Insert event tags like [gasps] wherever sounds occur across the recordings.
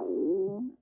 you,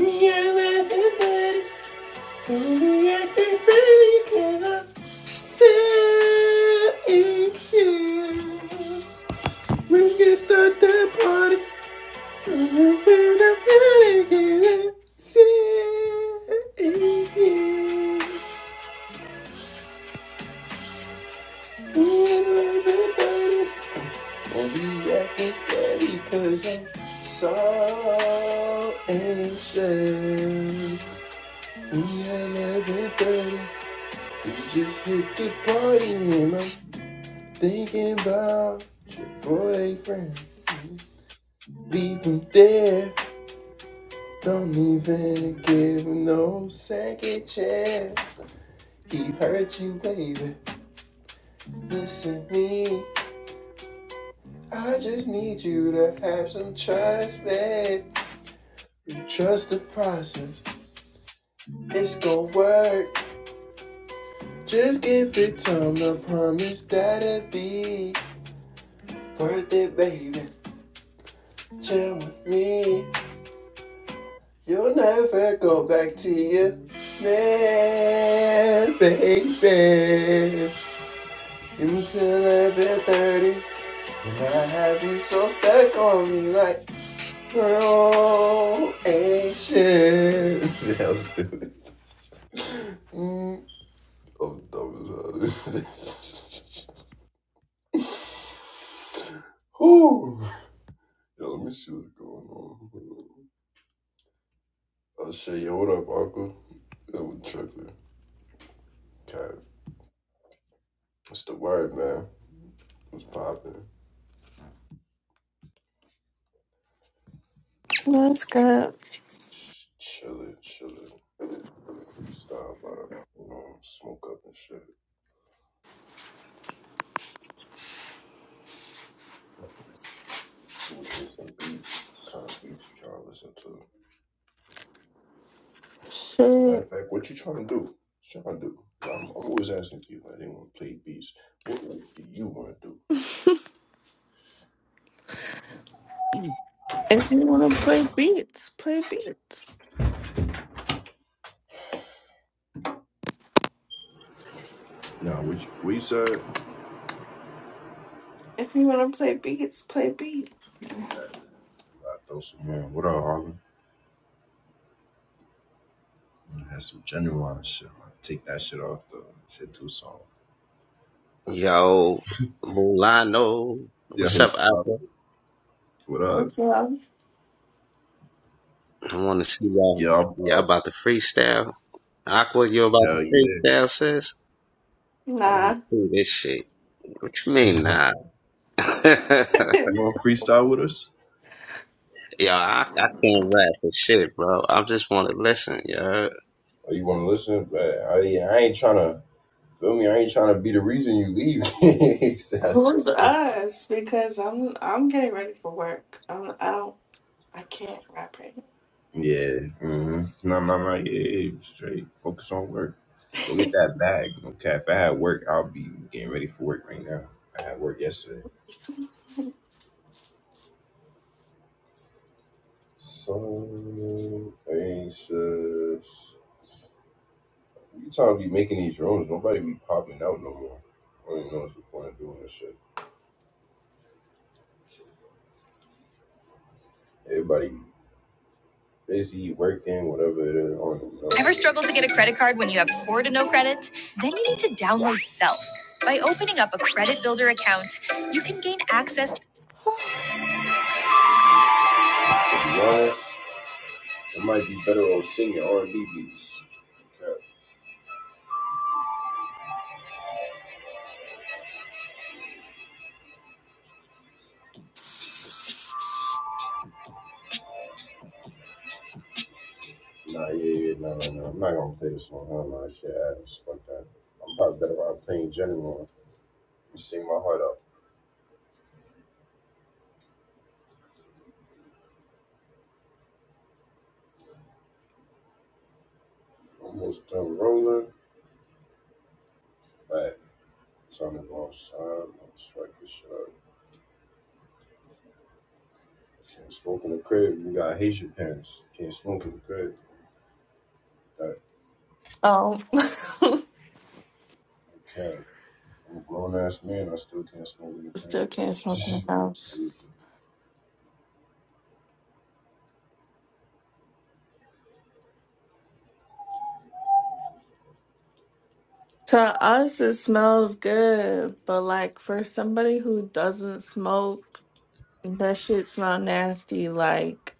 Yeah, We can start that party. Cause I'm so anxious. We are everybody. We just hit the party and I'm Thinking about your boyfriend. Leave him there. Don't even give him no second chance. He hurt you, baby. Listen to me. I just need you to have some trust, babe. You trust the process. It's gonna work. Just give it time. I promise that it will be worth it, baby. Chill with me. You'll never go back to your man, baby. Until I feel 30, and I have you so stuck on me like so anxious. [laughs] I'm stupid. Mm, I'm dumb as hell. [laughs] Whew. Yo, let me see what's going on. I'll show you. Hold up, Uncle. That was tripping. Okay. What's the word, man? What's poppin'? That's good. Sh- Chillin', chillin'. Freestyle, about to, you know, smoke up and shit. You wanna hear some beats? What kind of beats you trying to listen to? matter Shit. of fact, what you trying to do? What you trying to do? i am I'm always asking people, like, they want to play beats. What, what do you want to do? If you want to play beats, play beats. Nah, what you, we said, If you want to play beats, play beats. I throw some more. What up, Harlem? I'm gonna have some genuine shit. I'm gonna take that shit off the shit too song. Yo, Mulano. Yeah, What's what's up, Aqua? poppin'? what up? What's up? I want to see y'all. Yeah, I'm Y'all up. about to freestyle. Aqua, you about Hell to yeah. freestyle, sis? I Nah. want to see this shit. What you mean, [laughs] nah? [laughs] yo, I, [laughs] You want to freestyle with us? I can't rap for shit, bro. I just want to listen, yo. Oh, you want to listen? But I, I ain't trying to feel me. I ain't trying to be the reason you leave. [laughs] So that's what- Who's us? Because I'm I'm getting ready for work. I'm, I don't. I can't rap right yeah. hmm No, no, no. Yeah, yeah, yeah, straight. Focus on work. Go get now. that bag. Okay. If I had work, I'll be getting ready for work right now. I had work yesterday. So anxious. You time be making these rooms. Nobody be popping out no more. I don't even know what's the point of doing this shit. Everybody Basically, working, whatever it is. I don't know. Ever struggle to get a credit card when you have poor to no credit? Then you need to download Self. By opening up a credit builder account, you can gain access to. To be honest, it might be better off singing R&B beats. Nah, yeah, yeah, nah, nah, nah. I'm not gonna play this one. Hell no, shit ass. Fuck that. I'm probably better off playing general. Let me sing my heart out. Almost done rolling. But time to go outside. I'm gonna swipe this shit up. Can't smoke in the crib. You gotta hate your parents. Can't smoke in the crib. That [laughs] um. I care. I'm a grown ass man. I still can't smoke in the [laughs] Still can't smoke in the house. crib. To us, it smells good, but like for somebody who doesn't smoke, that shit smell nasty. Like.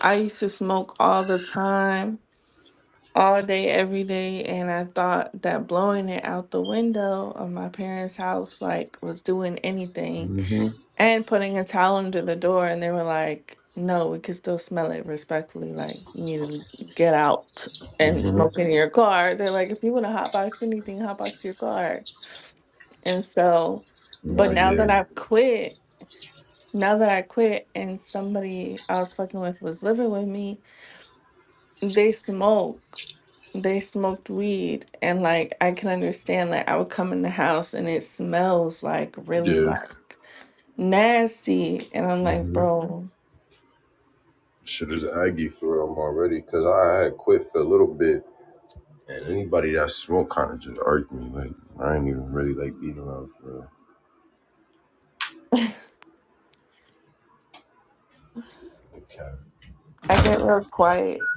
I used to smoke all the time, all day, every day, and I thought that blowing it out the window of my parents' house like was doing [laughs] anything. mhm. And putting a towel under the door, and they were like, "No, we could still smell it respectfully. Like you need to get out and Mhm. smoke in your car." They're like, "If you want to hotbox anything, hotbox your car." And so, Nah, but now yeah. that I've quit, now that I quit, and somebody I was fucking with was living with me, they smoke. they smoked weed and like I can understand like I would come in the house and it smells like really Yeah. like nasty and I'm like, Mhm. bro, Shit is aggy for real. I'm already because I had quit for a little bit. And anybody that smoked kind of just irked me. Like I ain't even really like beating around for real. Okay. I get real quiet.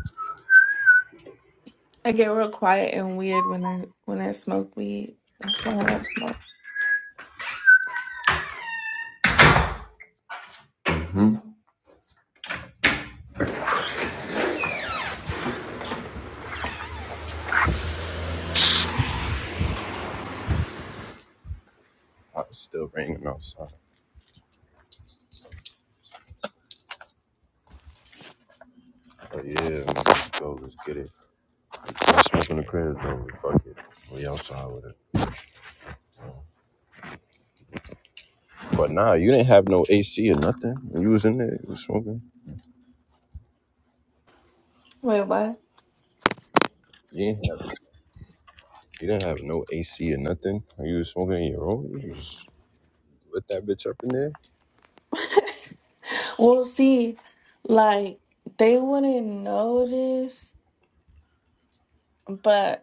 I get real quiet and weird when I when I smoke weed. That's why I don't smoke. I was still raining outside. But yeah, man, let's go. Let's get it. I'm smoking the crib though. Fuck it. We outside with it. But nah, you didn't have no AC or nothing. When you was in there, you was smoking. Wait, what? You didn't have, you didn't have no AC or nothing. When you was smoking in your room, you just lit that bitch up in there. Well, see, like they wouldn't notice, but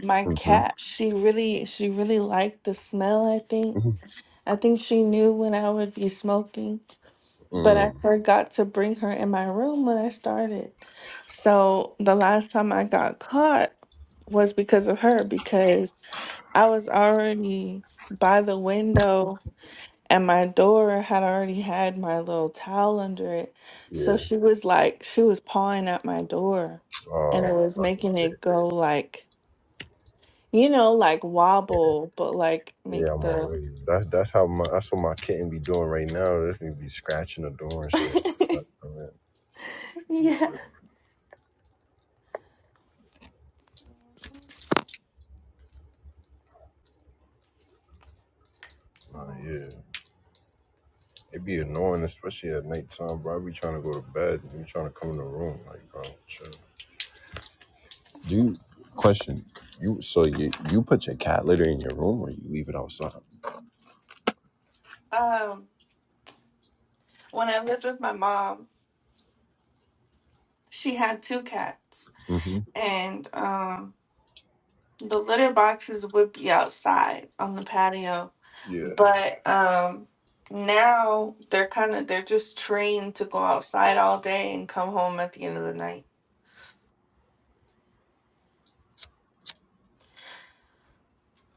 my Mm-hmm. cat, she really she really liked the smell, I think. mm-hmm. I think she knew when I would be smoking. but I Mm. forgot to bring her in my room when I started. So the last time I got caught was because of her, because I was already by the window and my door had already had my little towel under it. So Yeah. she was like, she was pawing at my door and Oh, it was fucking making bitch. it go like, you know, like Yeah, wobble, but like make yeah, I'm the. already. That's that's how my that's what my kitten be doing right now. That's me be scratching the door and [laughs] shit. Like, I'm in- I'm yeah. already. Nah, yeah. It be annoying, especially at nighttime, bro. I be trying to go to bed. You be trying to come in the room, like, bro, chill. You question you. So you you put your cat litter in your room or you leave it outside? Um, when I lived with my mom, She had two cats, Mm-hmm. and um, the litter boxes would be outside on the patio, Yeah, but um, now they're kind of they're just trained to go outside all day and come home at the end of the night.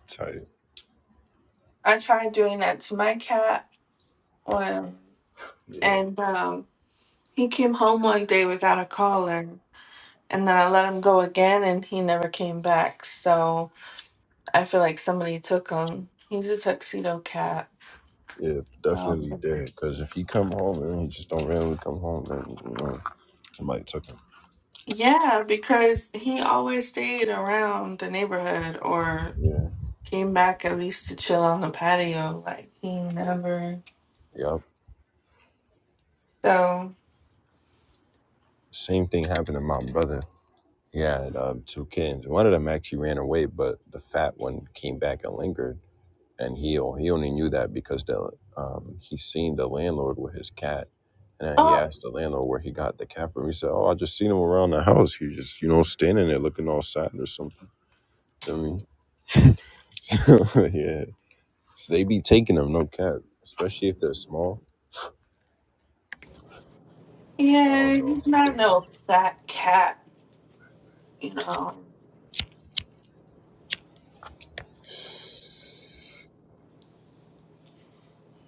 tight. I tried doing that to my cat, um, Yeah, and um, he came home one day without a collar. And then I let him go again, and he never came back. So I feel like somebody took him. He's a tuxedo cat. yeah, So. definitely dead. Cause if he come home and he just don't randomly come home, then you know somebody took him. Yeah, because he always stayed around the neighborhood or Yeah, came back at least to chill on the patio. Like he never. yeah. So, Same thing happened to my brother. He had um, two kittens. One of them actually ran away, but the fat one came back and lingered. and he o- he only knew that because the um, he seen the landlord with his cat, and then he oh asked the landlord where he got the cat from. He said, "Oh, I just seen him around the house. He just you know standing there looking all sad or something." I mean, [laughs] so yeah, so they be taking them no cap, especially if they're small. I yeah, don't know he's how not big it was. no fat cat, you know.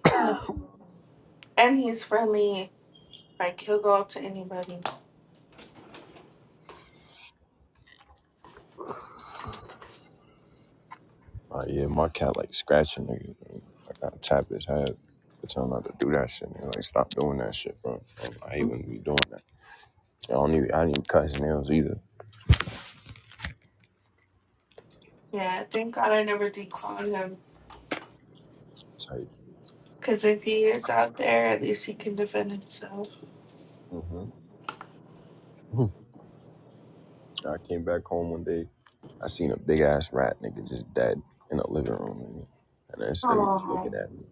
He's no, and he's friendly. Like he'll go up to anybody. Uh, yeah, my cat like scratching. Nigga. I gotta tap his head. to Tell him not to do that shit. Man. Like stop doing that shit, bro. I hate when we doing that. I don't even. I didn't even cut his nails either. Yeah, thank God I never declawed him. Tight. Because if he is out there, at least he can defend himself. hmm [laughs] I came back home one day. I seen a big ass rat nigga just dead in the living room, nigga. And this nigga just looking Oh, at me.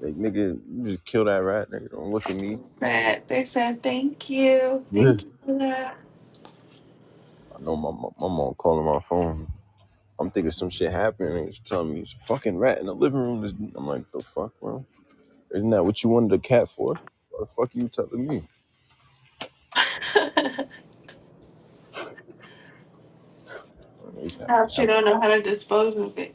Like, nigga, you just kill that rat, nigga. Don't look at they me. said they said thank you, [laughs] thank I you for know my, my, my mom calling my phone. I'm thinking some shit happened and it's telling me it's a fucking rat in the living room. I'm like, the fuck, bro? Isn't that what you wanted a cat for? What the fuck are you telling me? that. [laughs] I mean, he's had Now a she hell don't know how to dispose of it.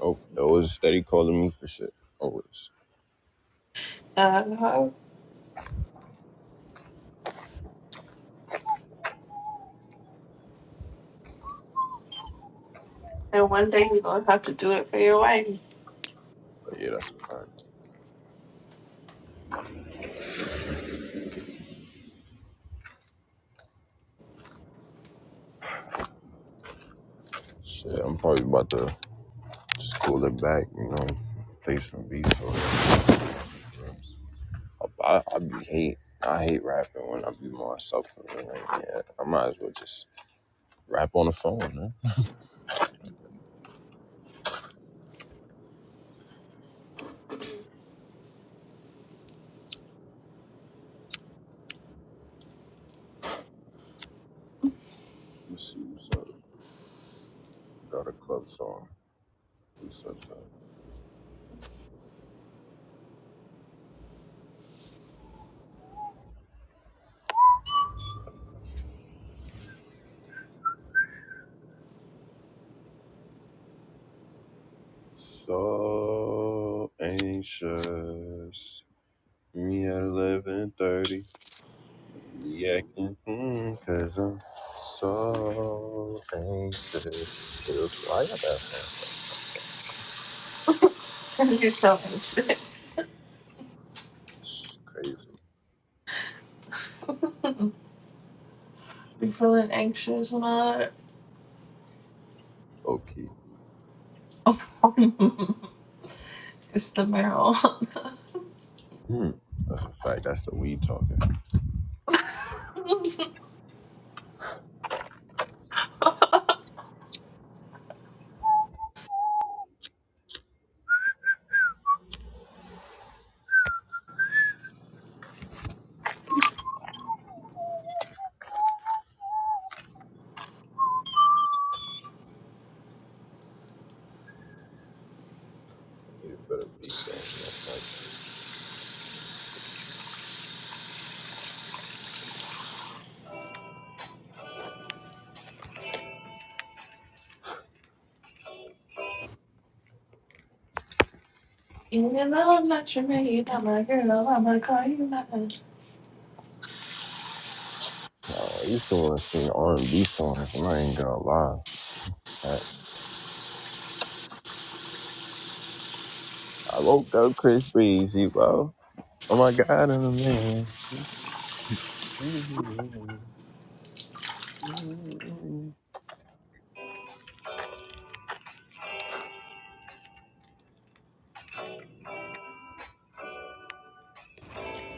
nope. That was a steady calling me for shit. Always. Uh-huh. And one day you're gonna have to do it for your wife. But yeah, that's a fact. Shit, I'm probably about to Just cool it back, you know, play some beats or I, I be hate. I hate rapping when I be myself. and Like, yeah, I might as well just rap on the phone, man. Let's see what's up. Got a club song. What's up? man? So anxious. Me at eleven thirty. Yeah, mm, cause I'm so anxious. It was- I got that song. [laughs] you're so anxious. It's crazy. You feeling anxious, mud? Okay. [laughs] Mm. That's a fact. That's the weed talking. You better beat though. Like, Even though I'm not your man, you're not my girl. I'm gonna call you mine. uh, I used to want to sing R and B songs, and I ain't gonna lie. I, I woke up Chris Breezy, bro. Oh my God, I'm a man.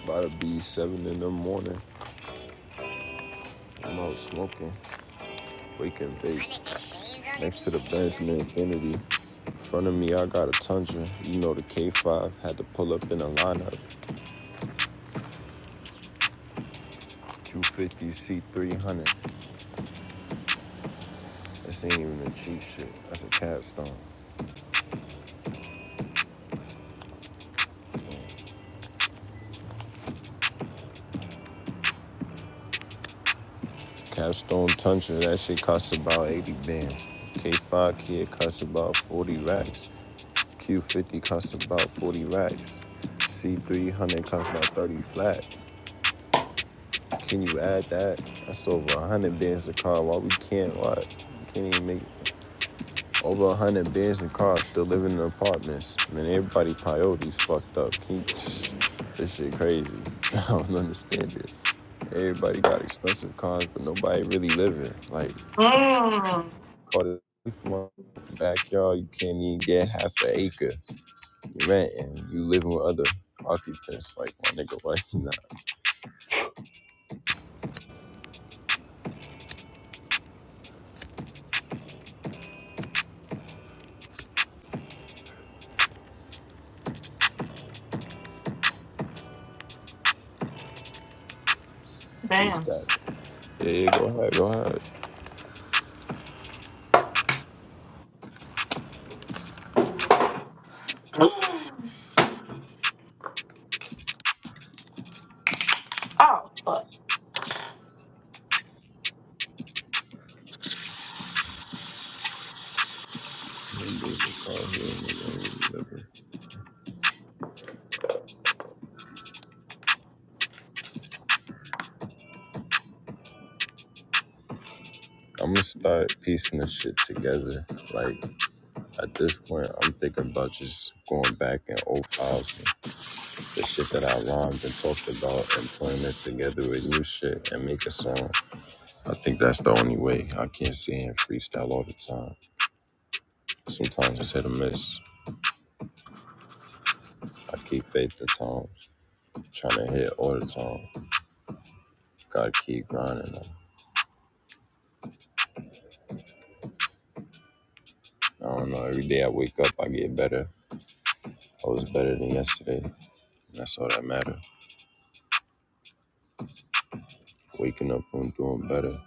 About to be seven in the morning. I'm out smoking, waking bake. Next to the Benz and the Infinity. In front of me, I got a Tundra. You know the K5 had to pull up in a lineup. 250 C300. This ain't even a cheap shit. That's a capstone. Capstone tonsure, that shit costs about 80 bands. K5 kid costs about 40 racks. Q50 costs about 40 racks. C300 costs about 30 flat. Can you add that? That's over 100 bands a car. Why we can't? Why? we Can't even make it. Over a hundred bands and cars still living in apartments. Man, everybody coyotes fucked up. Keep this shit crazy. [laughs] I don't understand it. Everybody got expensive cars, but nobody really living. Like, Mmm. caught it from my backyard. You can't even get half an acre. You renting. You living with other occupants. Like my nigga, like nah, just Damn. that. Yeah, yeah, go ahead, go ahead. [gasps] oh, fuck. I'm gonna start piecing this shit together. Like. At this point, I'm thinking about just going back in old files, and the shit that I rhymed and talked about, and putting it together with new shit and make a song. I think that's the only way. I can't sit here and freestyle all the time. Sometimes it's hit or miss. I keep faith at times, trying to hit all the time. Gotta keep grinding. I don't know. Every day I wake up, I get better. I was better than yesterday. and That's all that matters. Waking up, I'm doing better.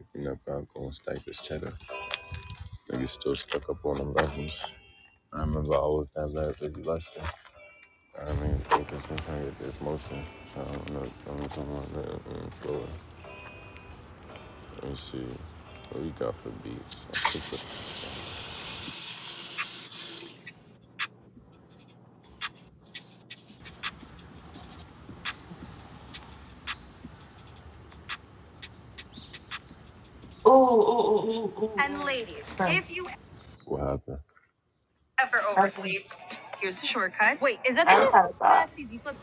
Waking up, I'm going stack this cheddar. Niggas still stuck up on them levels. I remember I was that bad busy busting. I mean, focused on trying to get this motion. Trying to know I'm talking about that and flow. Let me see what we got for beats. I think that- Ooh, ooh, ooh, ooh, ooh, And ladies, ooh. Okay. if you what happened? Ever oversleep? Here's a shortcut. Wait, is that the I new gotta Slips stop. Nazis? You flip.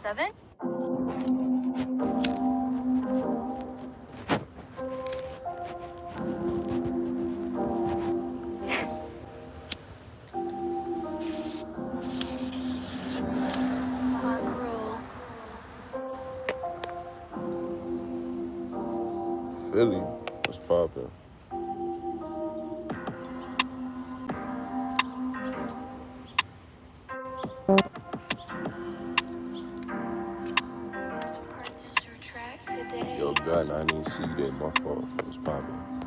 My girl. Philly, what's poppin'? Purchase your track today. Yo, God, I didn't see that. My fault. What's poppin'?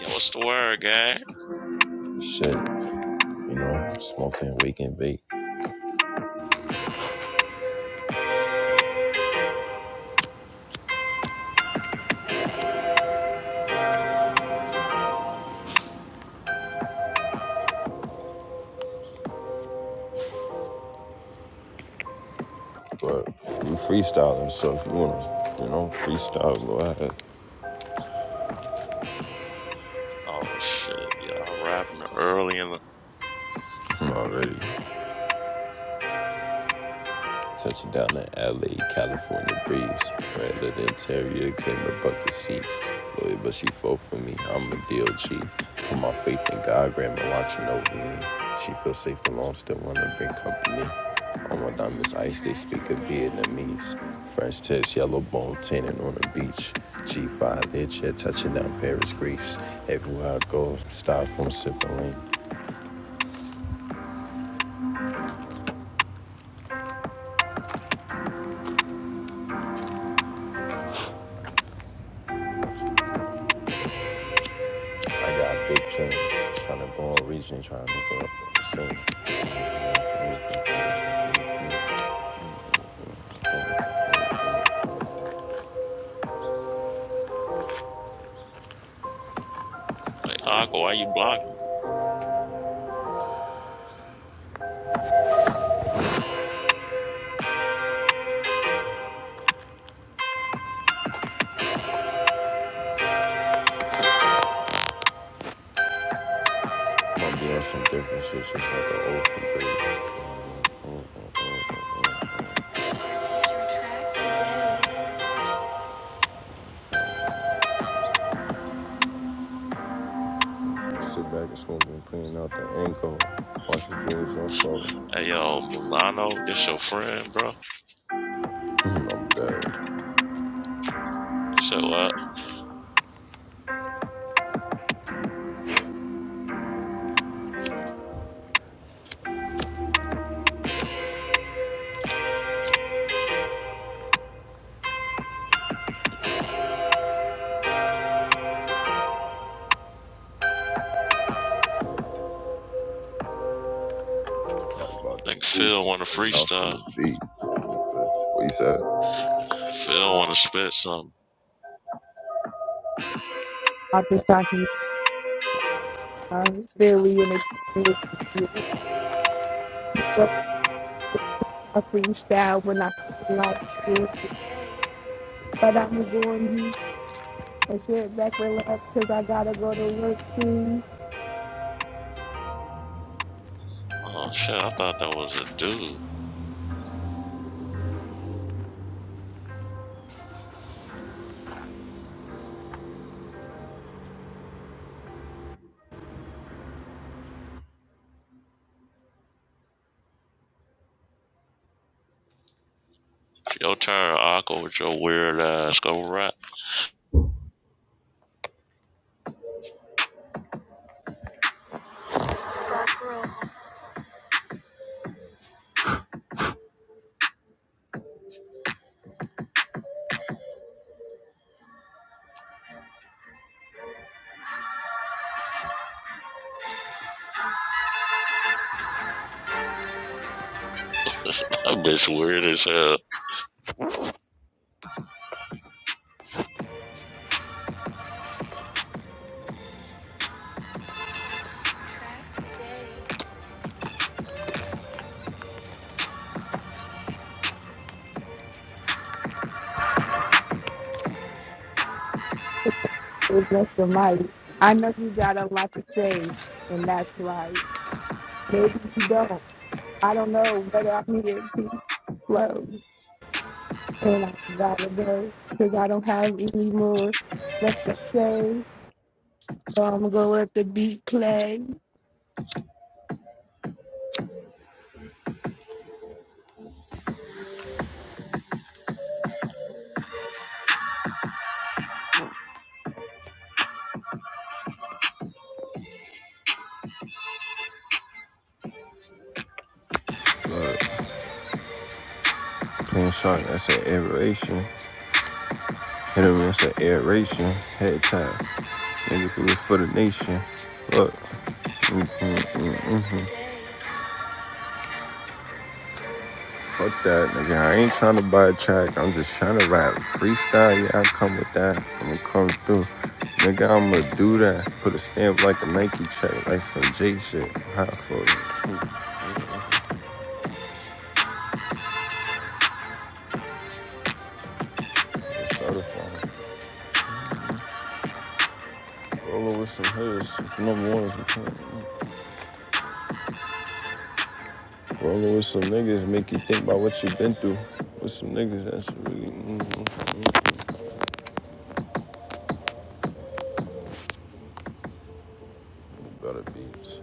Yo, what's the word, guy? Shit, you know, smoking, wake and bake. But you freestyling, so if you wanna, you know, freestyle, go ahead. Oh shit, y'all rapping early in the I'm not ready. Touching down in LA, California breeze. Randall the interior, came to bucket seats. Lawyer, but she fought for me. I'm a DOG. Put my faith in God, grandma watching over me. She feels safe alone, still wanna bring company. On my diamonds ice, they speak of Vietnamese. French tips, yellow bone, tanning on the beach. G5 their jet touching down Paris, Greece. Everywhere I go, styrofoam from sipping lean. I got big dreams, tryna go on region, tryna go up soon. like, Aqua, why you blocking? I'm doing some different shit, just like an old people. Sit back and smoke and clean out the ankle. Watch your dreams unfold. Hey yo, Milano, this your friend, bro. I'm dead. I'm So what? about to Nigga cool. Phil wanna Cutting off from freestyle. the feet. What you said? Phil wanna spit something. I've been talking uh, Billy and the community. But I freestyle when I feel like it. But I'm going to you and share it back with love because I got to go to work soon. Oh shit, I thought that was a dude. It's your turn, Aqua, with your weird ass go rap. [laughs] that bitch weird as hell. So bless the mighty. I know you got a lot to say, and that's right. Maybe you don't. I don't know whether I'm here to flow. And I got to go because I don't have any more left to say. So I'm going to let the beat play. Clean shot, that's an aeration. Hit him, that's an aeration. Head tap. Nigga, if it was for the nation. Look. Fuck that, nigga. I ain't trying to buy a track. I'm just trying to rap. Freestyle, yeah, I come with that. I'ma come through. Nigga, I'ma do that. Put a stamp like a Nike check, like some J shit. Hot for you. Certified. Rollin' with some hoods, number one is important. Rollin' with some niggas, make you think about what you been through. With some niggas, that's really, mm-hmm. Better beats.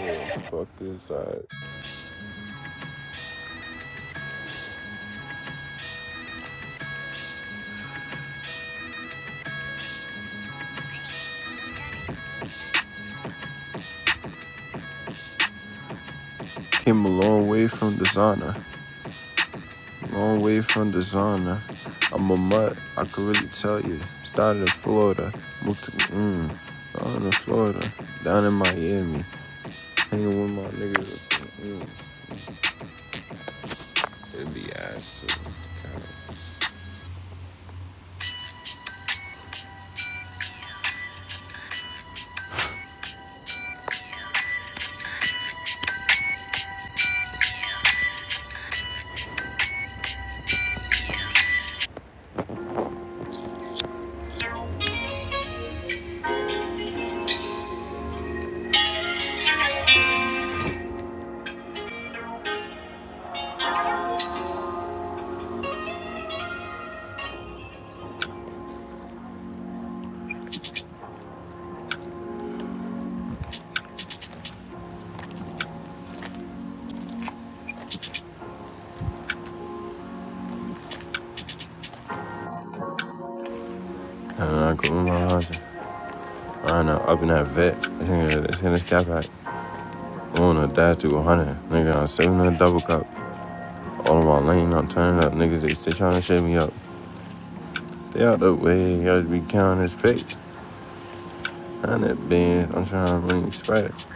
Yeah, fuck this, I came a long way from designer. Long way from designer. I'm a mutt, I could really tell you. Started in Florida, moved to, mmm, down in Florida, down in Miami. Hanging with my niggas, mm, it'd be ass too. And I go with my husband. I know, up in that vet. This nigga, this nigga cap out. I wanna die to 100. Nigga, I'm serving a double cup. All in my lane, I'm turning up. Niggas, they still trying to shake me up. They out the way, I just be counting this pick. that bands, I'm trying to bring respect.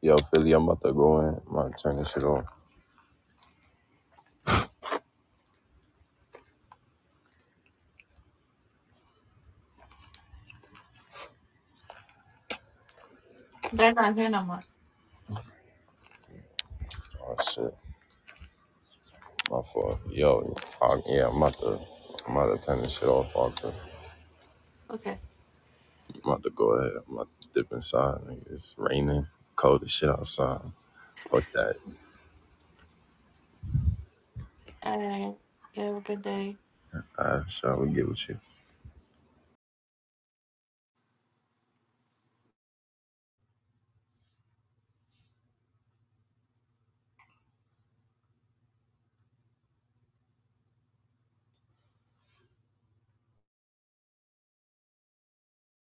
Yo, Philly, I'm about to go in. I'm about to turn this shit off. They're not here no more. Oh shit, my fault. Yo, I, yeah, I'm about to, I'm about to turn this shit off. Parker. Okay. I'm about to go ahead. I'm about to dip inside. Nigga. It's raining, cold as shit outside. Fuck that. All right. You have a good day. Alright, sure, we get with you.